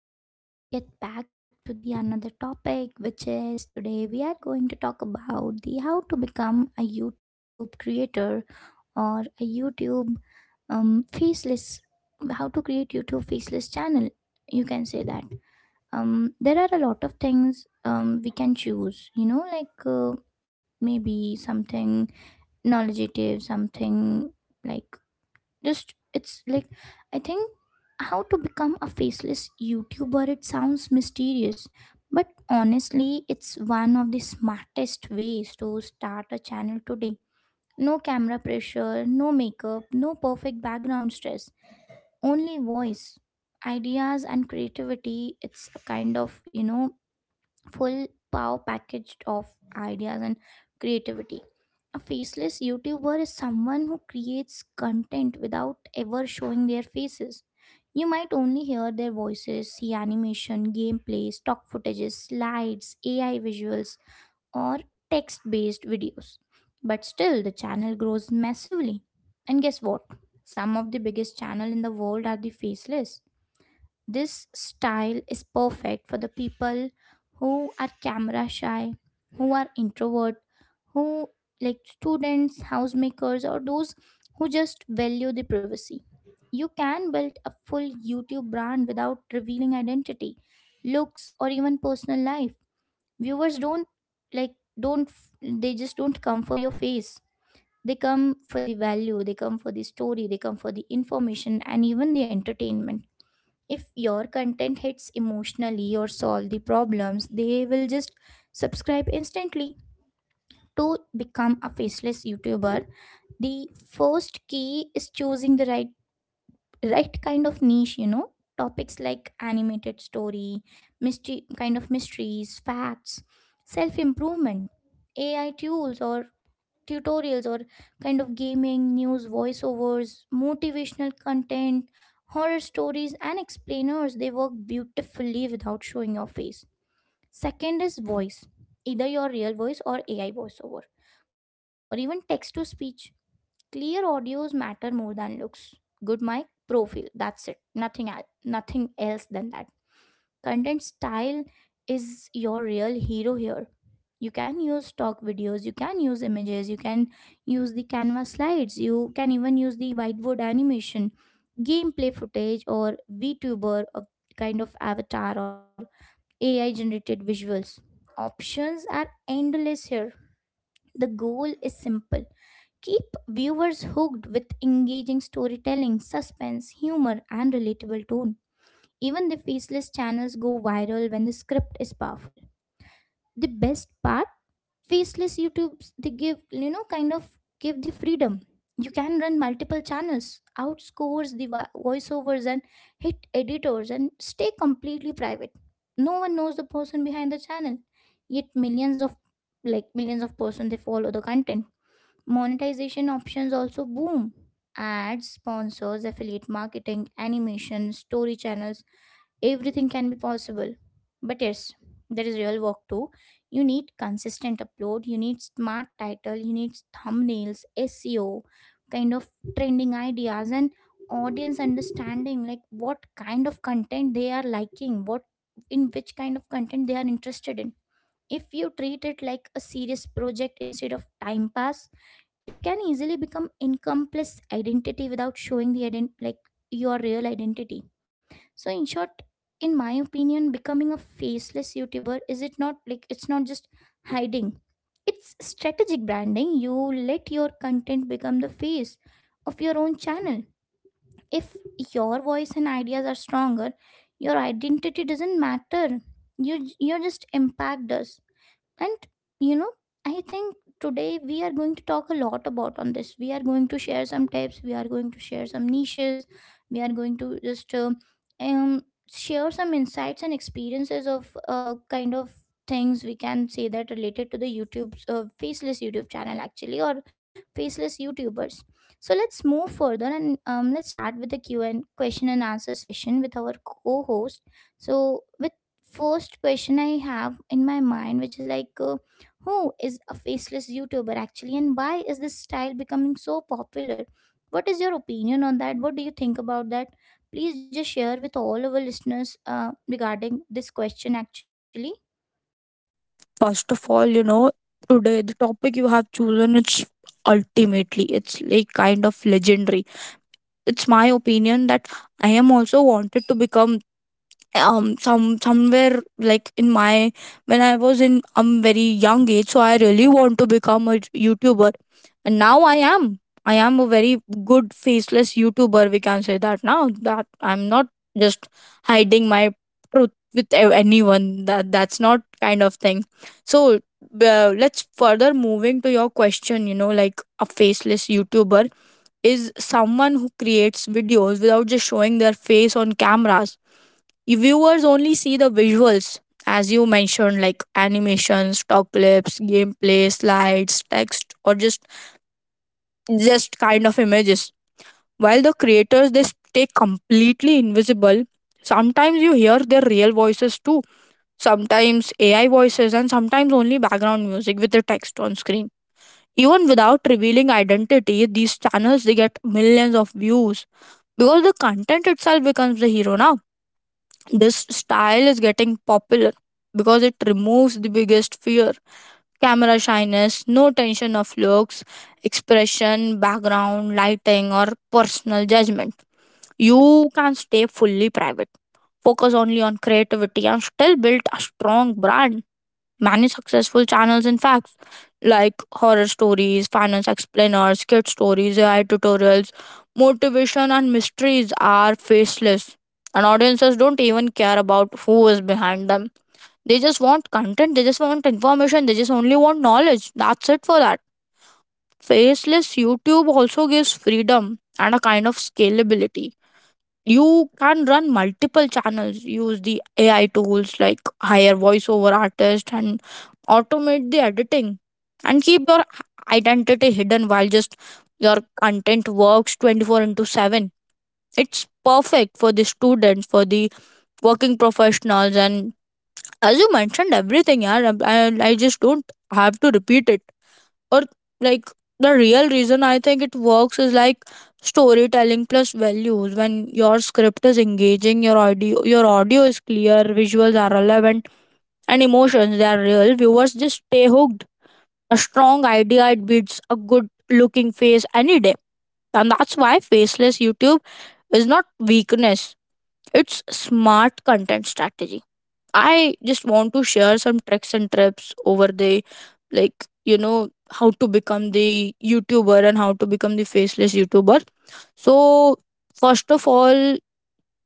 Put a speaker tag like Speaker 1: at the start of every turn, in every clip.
Speaker 1: Let's get back to the another topic, which is today we are going to talk about the how to become a YouTube creator or a YouTube faceless, how to create YouTube faceless channel. You can say that. There are a lot of things we can choose, you know, like maybe something knowledgeative, something like just it's like I think how to become a faceless youtuber, it sounds mysterious, but honestly it's one of the smartest ways to start a channel today. No camera pressure, no makeup, no perfect background stress, only voice, ideas, and creativity. It's a kind of, you know, full power packaged of ideas and creativity. A faceless YouTuber is someone who creates content without ever showing their faces. You might only hear their voices, see animation, gameplay, stock footages, slides, AI visuals, or text based videos. But still, the channel grows massively. And guess what? Some of the biggest channel in the world are the faceless. This style is perfect for the people who are camera shy, who are introvert, who like students, housemakers, or those who just value the privacy. You can build a full YouTube brand without revealing identity, looks, or even personal life. Viewers don't like don't f- They just don't come for your face, they come for the value, they come for the story, they come for the information, and even the entertainment. If your content hits emotionally or solve the problems, they will just subscribe instantly. To become a faceless youtuber, the first key is choosing the right kind of niche, you know. Topics like animated story, mystery, kind of mysteries, facts, self improvement, AI tools, or tutorials, or kind of gaming, news voiceovers, motivational content, horror stories, and explainers. They work beautifully without showing your face. Second is voice, either your real voice or AI voiceover, or even text to speech. Clear audios matter more than looks. Good mic, pro feel. That's it. Nothing else. Nothing else than that. Content style is your real hero here. You can use stock videos, you can use images, you can use the Canva slides, you can even use the whiteboard animation, gameplay footage, or VTuber, a kind of avatar, or AI generated visuals. Options are endless here. The goal is simple, keep viewers hooked with engaging storytelling, suspense, humor, and relatable tone. Even the faceless channels go viral when the script is powerful. The best part, faceless YouTubes they give, you know, kind of give the freedom. You can run multiple channels, outscores the voiceovers and hit editors, and stay completely private. No one knows the person behind the channel, yet millions of person they follow the content. Monetization options also boom. Ads, sponsors, affiliate marketing, animation, story channels, everything can be possible. But yes, there is real work too. You need consistent upload, you need smart title, you need thumbnails, SEO, kind of trending ideas, and audience understanding, like what kind of content they are liking, what, in which kind of content they are interested in. If you treat it like a serious project instead of time pass, it can easily become encompass identity without showing the your real identity. So in short, in my opinion, becoming a faceless YouTuber is, it not like, it's not just hiding. It's strategic branding. You let your content become the face of your own channel. If your voice and ideas are stronger, your identity doesn't matter. You just impact us. And, you know, I think today we are going to talk a lot about on this, we are going to share some tips, we are going to share some niches, we are going to just um share some insights and experiences of kind of things, we can say that, related to the YouTube faceless youtube channel actually, or faceless youtubers. So let's move further and let's start with the q and question and answer session with our co-host. So with first question I have in my mind, which is like, who is a faceless YouTuber actually, and why is this style becoming so popular? What is your opinion on that? What do you think about that? Please just share with all our listeners regarding this question actually.
Speaker 2: First of all, you know, today the topic you have chosen it's ultimately it's like kind of legendary. It's my opinion that I am also wanted to become somewhere like in my when I was in very young age, so I really want to become a youtuber. And now I am a very good faceless youtuber, we can say that now, that I'm not just hiding my truth with anyone. That's not kind of thing. So let's further moving to your question, you know, like a faceless youtuber is someone who creates videos without just showing their face on cameras. You viewers only see the visuals, as you mentioned, like animations, stock clips, gameplay, slides, text, or just kind of images, while the creators they stay completely invisible. Sometimes you hear their real voices too, sometimes ai voices, and sometimes only background music with the text on screen. Even without revealing identity, these channels they get millions of views because the content itself becomes the hero now. This style is getting popular because it removes the biggest fear: camera shyness, no tension of looks, expression, background, lighting, or personal judgment. You can stay fully private, focus only on creativity, and still build a strong brand. Many successful channels, in fact, like horror stories, finance explainers, kid stories, AI tutorials, motivation, and mysteries are faceless. And audiences don't even care about who is behind them. They just want content, they just want information, they just only want knowledge. That's it for that. Faceless YouTube also gives freedom and a kind of scalability. You can run multiple channels, use the ai tools, like hire voiceover artist and automate the editing, and keep your identity hidden while just your content works 24 into 7. It's perfect for the students, for the working professionals, and as you mentioned everything. Yeah, I just don't have to repeat it, or like, the real reason I think it works is like storytelling plus values. When your script is engaging, your audio is clear, visuals are relevant, and emotions they are real, viewers just stay hooked. A strong idea, it beats a good looking face any day. And that's why faceless youtube is not weakness, it's smart content strategy. I just want to share some tricks and tips over the, like, you know, how to become the YouTuber and how to become the faceless YouTuber. So first of all,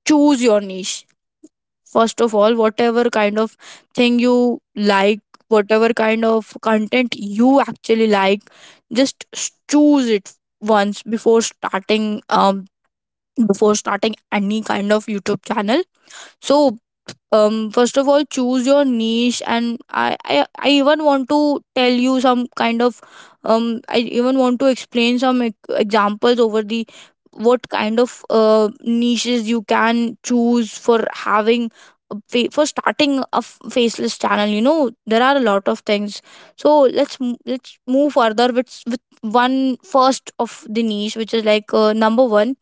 Speaker 2: choose your niche. First of all, whatever kind of thing you like, whatever kind of content you actually like, just choose it once before starting any kind of YouTube channel. So first of all choose your niche. And I even want to tell you some kind of I even want to explain some examples over the what kind of niches you can choose for having a for starting a faceless channel. You know, there are a lot of things. So let's move further with with one first of the niche, which is like number one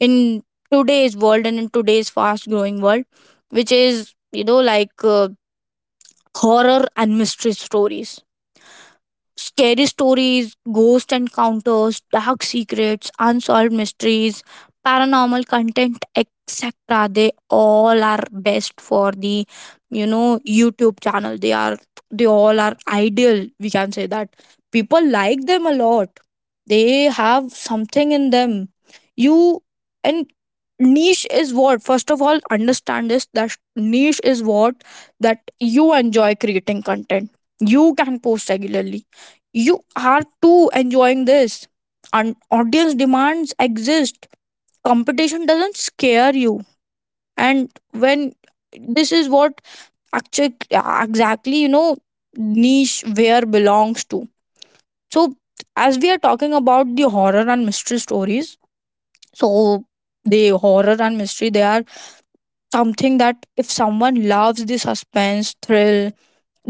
Speaker 2: in today's world and in today's fast growing world, which is, you know, like horror and mystery stories. Scary stories, ghost encounters, dark secrets, unsolved mysteries, paranormal content, etc. They all are best for the, you know, YouTube channel. They all are ideal, we can say that. People like them a lot. They have something in them. You and niche is what, first of all understand this, that niche is what that you enjoy creating content, you can post regularly, you are too enjoying this. And audience demands exist. Competition doesn't scare you. And when this is what actually exactly, you know, niche where belongs to. So as we are talking about the horror and mystery stories, so the horror and mystery, they are something that if someone loves the suspense, thrill,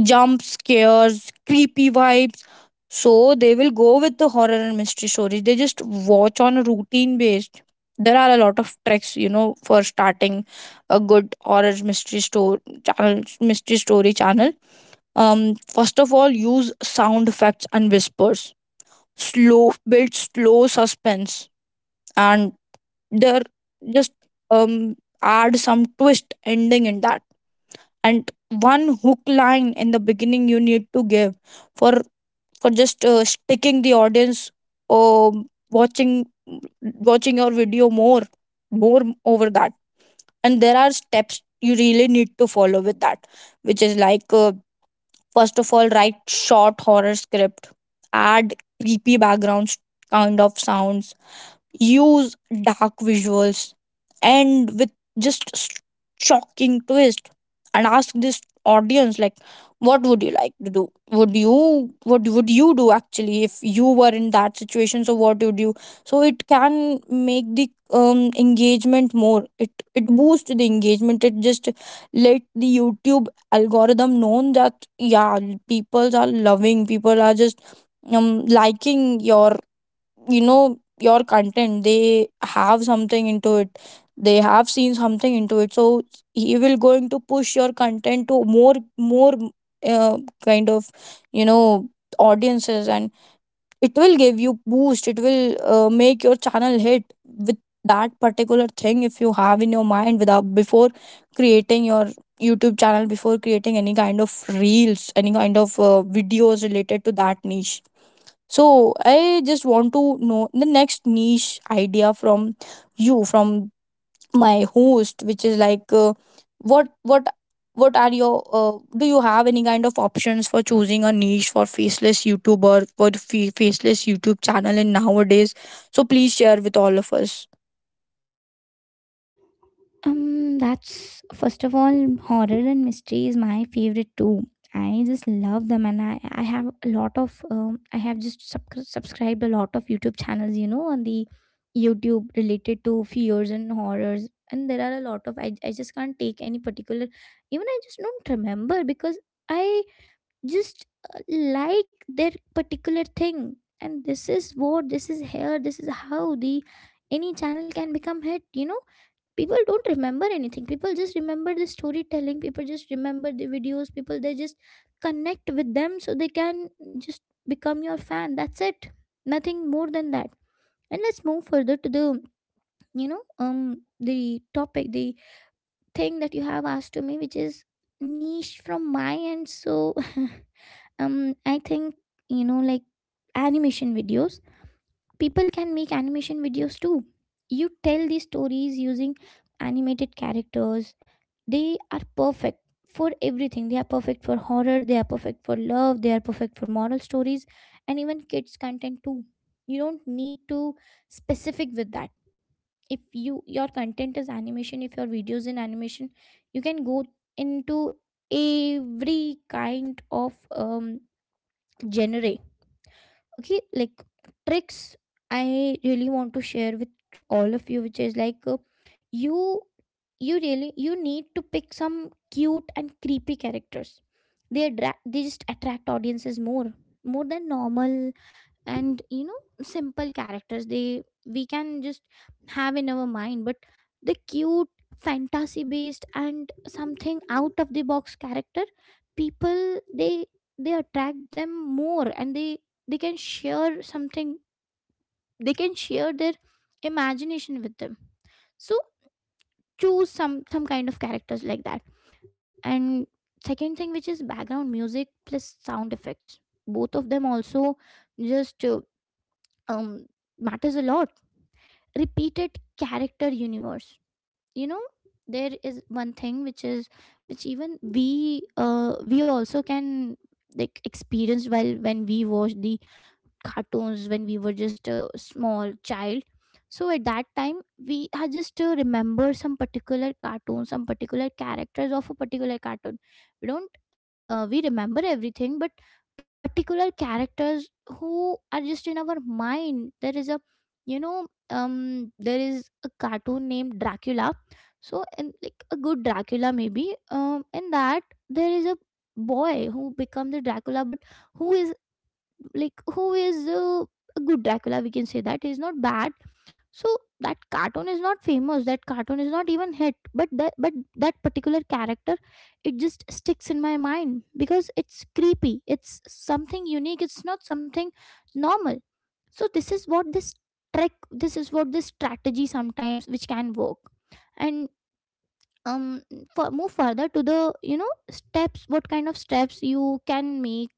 Speaker 2: jump scares, creepy vibes. So they will go with the horror and mystery stories. They just watch on a routine based. There are a lot of tricks, you know, for starting a good horror mystery store channel, mystery story channel. First of all, use sound effects and whispers. Slow build, slow suspense, and there just um add some twist ending in that, and one hook line in the beginning you need to give for for just sticking the audience um watching watching your video more over that. And there are steps you really need to follow with that, which is like first of all, write short horror script, add creepy backgrounds kind of sounds, use dark visuals, and with just s- shocking twist, and ask this audience like, what would you like to do? Would you, what would you do actually if you were in that situation? So what would you? So it can make the engagement more. It boosts the engagement. It just let the YouTube algorithm known that, yeah, people are just liking your, you know, your content. They have something into it, they have seen something into it, so he will going to push your content to more uh, kind of, you know, audiences. And it will give you boost, it will make your channel hit with that particular thing if you have in your mind without before creating your youtube channel, before creating any kind of reels, any kind of videos related to that niche. So I just want to know the next niche idea from you, from my host, which is like, what what are your do you have any kind of options for choosing a niche for faceless YouTuber for faceless YouTube channel in nowadays? So please share with all of us.
Speaker 1: That's first of all, horror and mystery is my favorite too. I just love them, and I have a lot of I have just subscribed a lot of YouTube channels, you know, on the YouTube related to fears and horrors, and there are a lot of I just can't take any particular, even I just don't remember because I just like their particular thing, and this is here, this is how the any channel can become hit, you know. People don't remember anything, people just remember the storytelling, people just remember the videos, people they just connect with them so they can just become your fan, that's it, nothing more than that. And let's move further to the, you know, the topic, the thing that you have asked to me, which is niche from my end. So I think you know, like animation videos. People can make animation videos too. You tell these stories using animated characters. They are perfect for everything. They are perfect for horror, they are perfect for love, they are perfect for moral stories, and even kids' content too. You don't need to specific with that. If you your content is animation, if your videos in animation, you can go into every kind of genre. Okay, like tricks I really want to share with all of you, which is like, you you really you need to pick some cute and creepy characters. They just attract audiences more, more than normal. And you know, simple characters they, we can just have in our mind, but the cute, fantasy based, and something out of the box character, people, they they attract them more, and they can share something, they can share their imagination with them. So choose some kind of characters like that. And second thing, which is background music plus sound effects, both of them also just um matters a lot. Repeated character universe, you know, there is one thing which is, which even we also can like experience while when we watch the cartoons when we were just a small child. So at that time we had just remember some particular cartoon, some particular characters of a particular cartoon. We don't We remember everything, but particular characters who are just in our mind. There is a, you know, there is a cartoon named Dracula. So, and like a good Dracula, maybe in that, there is a boy who becomes the Dracula, but who is, like who is a good Dracula, we can say, that is not bad. So that cartoon is not famous, that cartoon is not even hit, but that particular character, it just sticks in my mind because it's creepy, it's something unique, it's not something normal. So this trick, this is what this strategy sometimes, which can work. And um for move further to the, you know, steps, what kind of steps you can make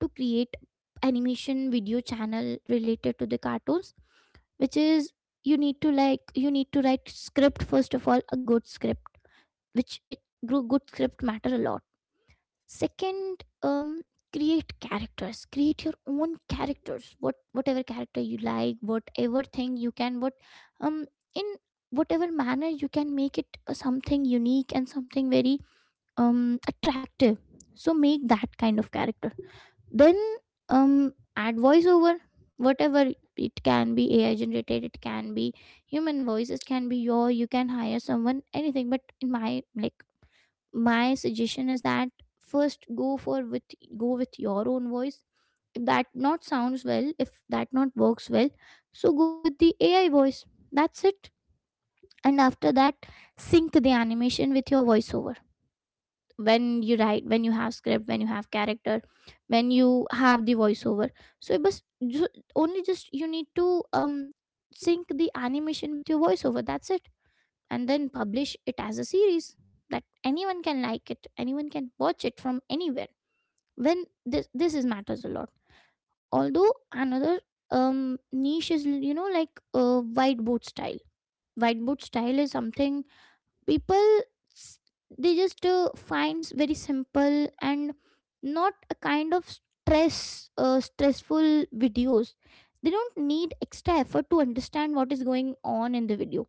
Speaker 1: to create animation video channel related to the cartoons, which is you need to, like you need to write script, first of all a good script, which good script matter a lot. Second, create characters, create your own characters, what, whatever character you like, whatever thing you can, what, um in whatever manner you can make it something unique and something very attractive. So make that kind of character. Then add voiceover, whatever, it can be AI generated, it can be human voice, it can be your, you can hire someone, anything. But in my like, my suggestion is that first go for with, go with your own voice. If that not sounds well, if that not works well, so go with the AI voice, that's it. And after that, sync the animation with your voiceover. When you write, when you have script, when you have character, when you have the voiceover, so it was only just you need to sync the animation with your voiceover, that's it. And then publish it as a series, that anyone can like it, anyone can watch it from anywhere. When this is matters a lot. Although another um niche is, you know, like white boot style. White boot style is something people s- they just finds very simple and not a kind of stressful videos. They don't need extra effort to understand what is going on in the video,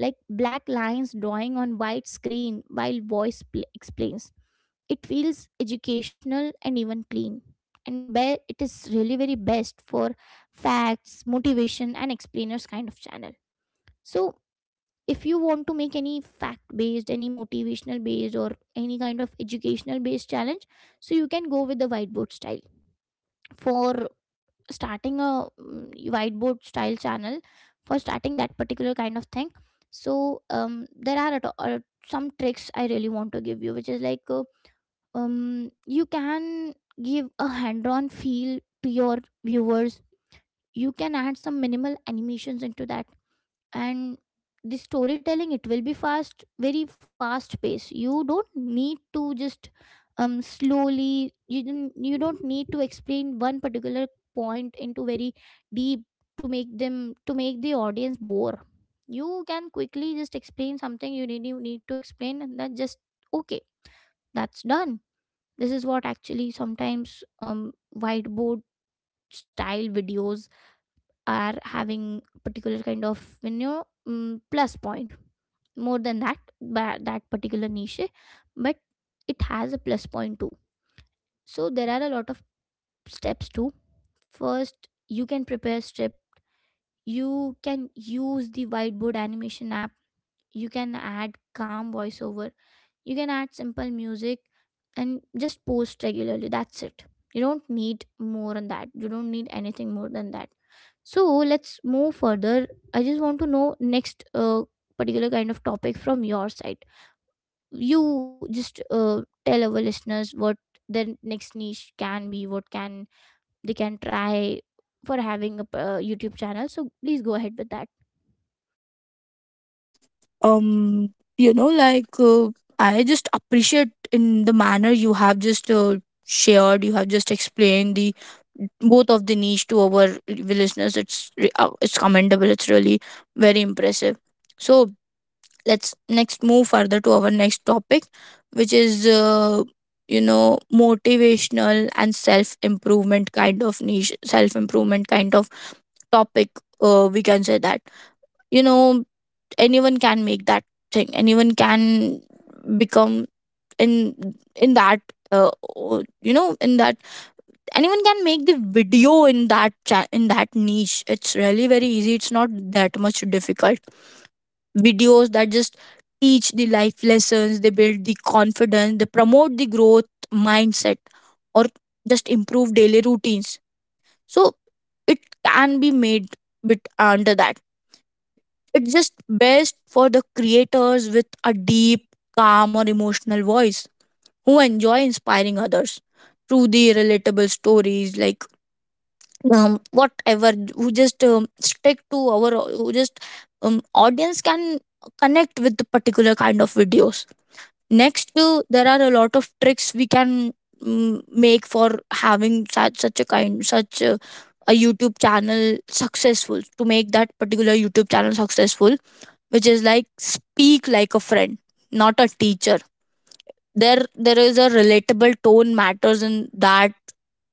Speaker 1: like black lines drawing on white screen while voice explains. It feels educational and even clean. And where it is really very best for facts, motivation, and explainers kind of channel. So if you want to make any fact based, any motivational based, or any kind of educational based challenge, so you can go with the whiteboard style for starting a whiteboard style channel for starting that particular kind of thing. So there are some tricks I really want to give you, which is like you can give a hand on feel to your viewers. You can add some minimal animations into that. And the storytelling, it will be fast, very fast pace. You don't need to just slowly, you don't need to explain one particular point into very deep, to make the audience bore. You can quickly just explain something you need, to explain, and then just okay, that's done. This is what actually sometimes whiteboard style videos are having, particular kind of, you know, plus point more than that particular niche. But it has a plus point too. So there are a lot of steps too. First, you can prepare strip, you can use the whiteboard animation app, you can add calm voiceover, you can add simple music, and just post regularly. That's it. You don't need more than that, you don't need anything more than that. So let's move further. I just want to know next particular kind of topic from your side. You just tell our listeners what their next niche can be, what can try for having a YouTube channel. So please go ahead with that.
Speaker 2: um you know, like I just appreciate in the manner you have just shared, you have just explained the both of the niche to our listeners. It's commendable, it's really very impressive. So let's next move further to our next topic, which is you know, motivational and self improvement kind of niche, self improvement kind of topic. We can say that, you know, anyone can make that thing, anyone can become in in that, uh, you know, in that anyone can make the video in that in that niche. It's really very easy, it's not that much difficult. Videos that just teach the life lessons, they build the confidence, they promote the growth mindset, or just improve daily routines. So it can be made bit under that. It's just best for the creators with a deep, calm, or emotional voice, who enjoy inspiring others through the relatable stories, like whatever, who just stick to our, who just audience can connect with the particular kind of videos. Next, there are a lot of tricks we can make for having such a YouTube channel successful, to make that particular YouTube channel successful, which is like speak like a friend, not a teacher. There is a relatable tone matters in that.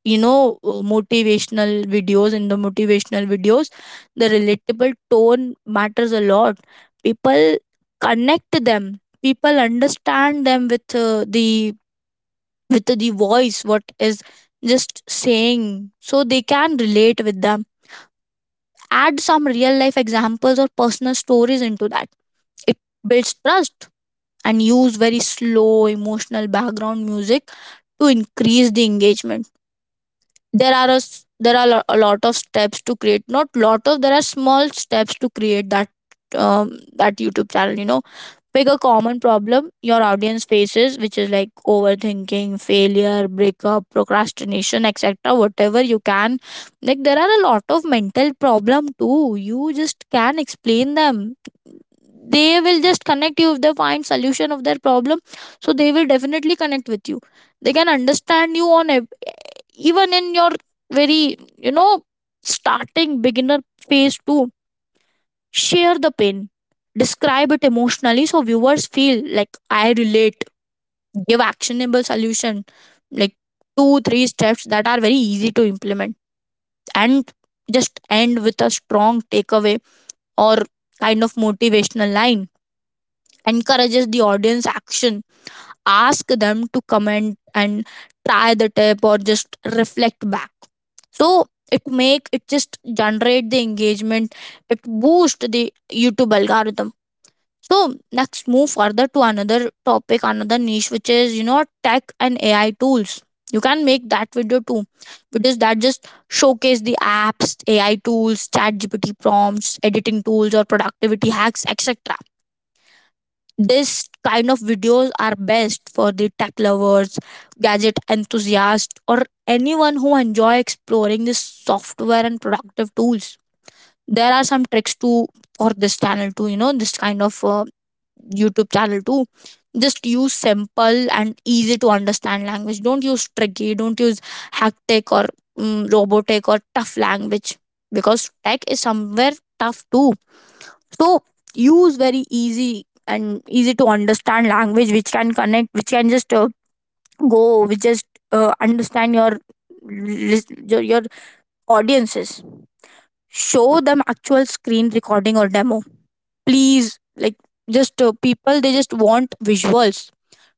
Speaker 2: You know, motivational videos in the motivational videos, the relatable tone matters a lot. People connect them. People understand them with the, with the voice what is just saying, so they can relate with them. Add some real life examples or personal stories into that. It builds trust, and use very slow emotional background music to increase the engagement. There are a, s- there are lo- a lot of steps to create, not lot of, there are small steps to create that um, that youtube channel. You know, pick a common problem your audience faces, which is like overthinking, failure, breakup, procrastination, etc., whatever you can, like there are a lot of mental problem too, you just can explain them. They will just connect you if they find solution of their problem, so they will definitely connect with you. They can understand you on even in your very, you know, starting beginner phase too. Share the pain, describe it emotionally so viewers feel like I relate. Give actionable solution, like 2 3 steps that are very easy to implement, and just end with a strong takeaway or kind of motivational line, encourages the audience action. Ask them to comment and try the tip, or just reflect back. So it make it just generate the engagement, it boost the youtube algorithm. So next move further to another topic, another niche, which is you know tech and ai tools. You can make that video too, because that just showcase the apps, ai tools, chat gpt prompts, editing tools, or productivity hacks, etc. This kind of videos are best for the tech lovers, gadget enthusiasts, or anyone who enjoy exploring this software and productive tools. There are some tricks to for this channel too, you know, this kind of YouTube channel too. Just use simple and easy to understand language. Don't use tricky. Don't use hacktech or robotic or tough language because tech is somewhere tough too, so use very easy and easy to understand language which can connect, which can just go, which just understand your, your audiences. Show them actual screen recording or demo, please. Like, just people, they just want visuals.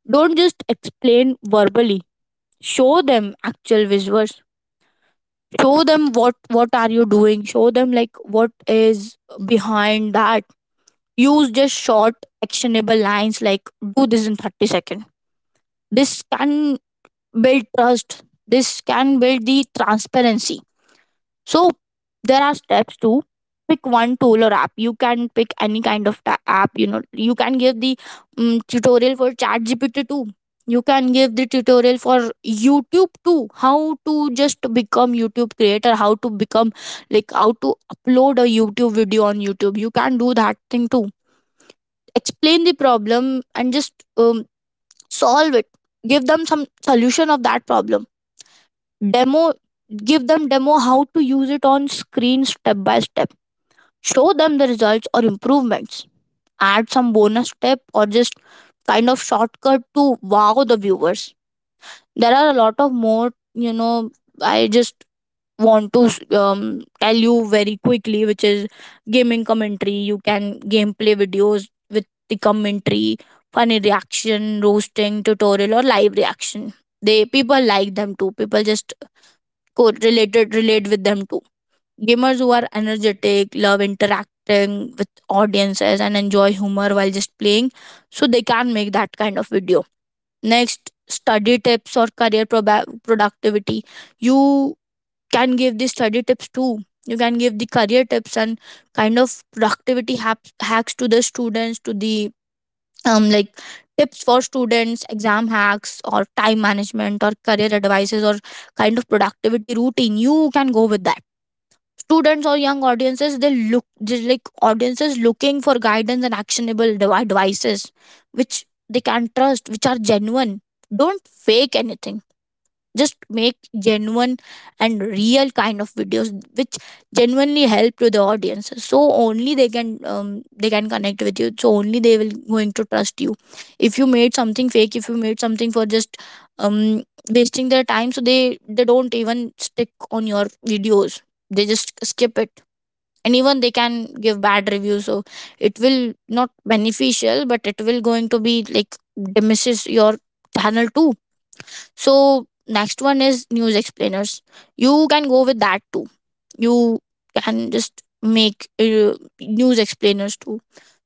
Speaker 2: Don't just explain verbally, show them actual visuals. Show them what are you doing, show them like what is behind that. Use just short actionable lines like do this in 30 seconds. This can build trust, this can build the transparency. So there are steps to pick one tool or app. You can pick any kind of app, you know. You can give the tutorial for chat gpt too, you can give the tutorial for youtube too, how to just become youtube creator, how to become, like, how to upload a youtube video on youtube. You can do that thing too. Explain the problem and just solve it, give them some solution of that problem. Demo, give them demo how to use it on screen step by step. Show them the results or improvements. Add some bonus step or just kind of shortcut to wow the viewers. There are a lot of more, you know. I just want to tell you very quickly, which is gaming commentary. You can gameplay videos with the commentary, funny reaction, roasting, tutorial, or live reaction. They people like them too. People just correlated relate with them too. Gamers who are energetic, love interacting with audiences, and enjoy humor while just playing, so they can make that kind of video. Next, study tips or career productivity. You can give the study tips too, you can give the career tips and kind of productivity hacks to the students, to the like tips for students, exam hacks or time management or career advices or kind of productivity routine. You can go with that. Students or young audiences, they look just like audiences looking for guidance and actionable advices which they can trust, which are genuine. Don't fake anything, just make genuine and real kind of videos which genuinely help to the audience, so only they can connect with you, so only they will going to trust you. If you made something fake, if you made something for just um wasting their time, so they don't even stick on your videos, they just skip it, and even they can give bad reviews. So it will not beneficial, but it will going to be like diminishes your channel too. So next one is news explainers. You can go with that too. You can just make news explainers too.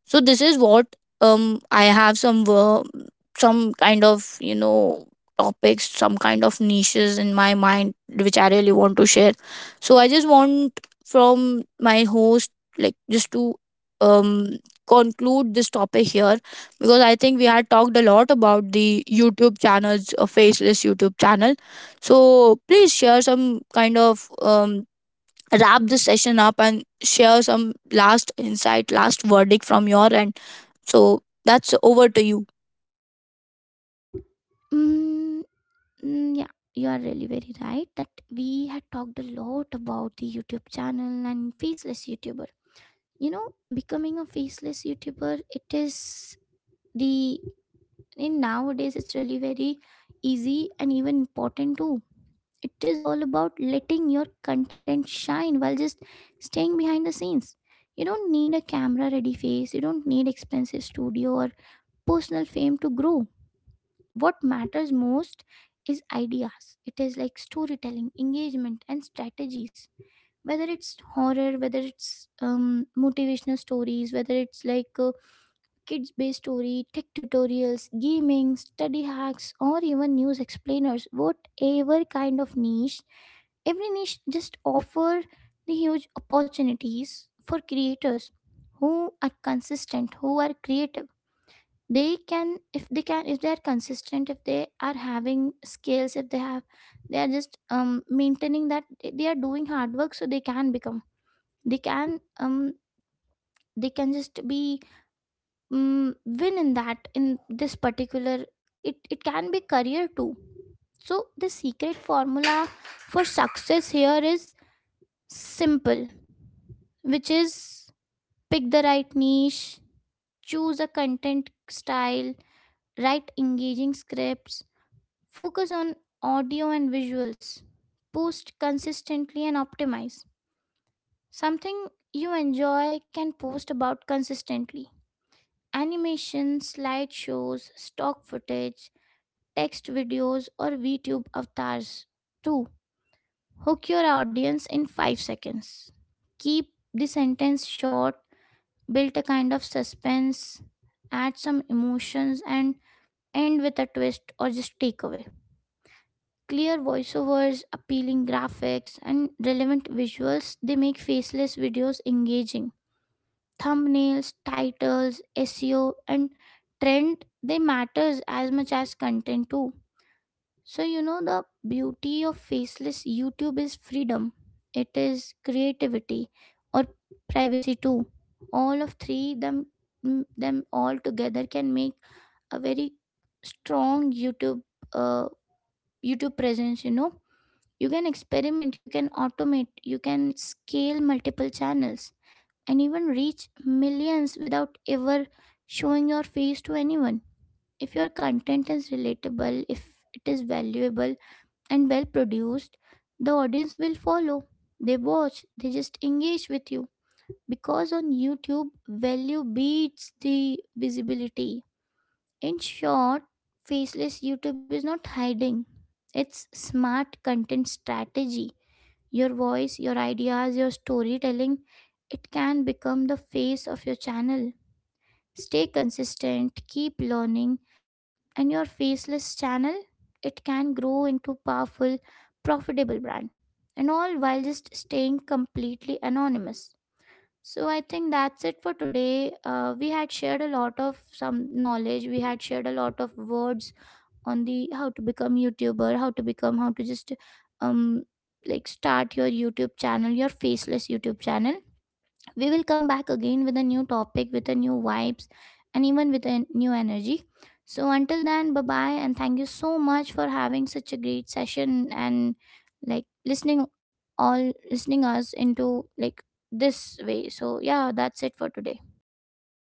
Speaker 2: So this is what I have some kind of, you know, topics, some kind of niches in my mind which I really want to share. So I just want from my host, like, just to um conclude this topic here, because I think we had talked a lot about the YouTube channels, a faceless YouTube channel. So please share some kind of wrap this session up and share some last insight, last verdict from your end. So that's over to you.
Speaker 1: mm, yeah, you are really very right that we had talked a lot about the YouTube channel and faceless YouTuber. You know, becoming a faceless YouTuber, it is the in nowadays, it's really very easy and even important too. It is all about letting your content shine while just staying behind the scenes. You don't need a camera ready face, you don't need expensive studio or personal fame to grow. What matters most is ideas. It is like storytelling, engagement, and strategies. Whether it's horror, whether it's motivational stories, whether it's like kids based story, tech tutorials, gaming, study hacks, or even news explainers, whatever kind of niche, every niche just offer the huge opportunities for creators who are consistent, who are creative. They can if they can if they are consistent, if they are having skills, if they are just maintaining that, they are doing hard work, so they can become, they can, they can just be, win in that, in this particular, it can be career too. So the secret formula for success here is simple, which is: pick the right niche, choose a content style, write engaging scripts, focus on audio and visuals, post consistently, and optimize something you enjoy, can post about consistently. Animation, slideshows, stock footage, text videos, or VTube avatars. 2. Hook your audience in 5 seconds. Keep the sentence short, build a kind of suspense, add some emotions, and end with a twist or just takeaway. Clear voiceovers, appealing graphics, and relevant visuals, they make faceless videos engaging. Thumbnails, titles, SEO, and trend, they matters as much as content too. So, you know, the beauty of faceless YouTube is freedom, it is creativity, or privacy too. All of three them, them all together can make a very strong uh, YouTube presence, you know. You can experiment, you can automate, you can scale multiple channels and even reach millions without ever showing your face to anyone. If your content is relatable, if it is valuable, and well produced, the audience will follow. They watch, they just engage with you. Because on YouTube, value beats the visibility. In short, faceless YouTube is not hiding, it's smart content strategy. Your voice, your ideas, your storytelling, it can become the face of your channel. Stay consistent, keep learning, and your faceless channel, it can grow into powerful, profitable brand. And all while just staying completely anonymous. So I think that's it for today. We had shared a lot of some knowledge. We had shared a lot of words on the how to become YouTuber, how to just um like start your YouTube channel, your faceless YouTube channel. We will come back again with a new topic, with a new vibes, and even with a new energy. So until then, bye bye, and thank you so much for having such a great session and like listening, all listening us into like this way. So yeah, that's it for today.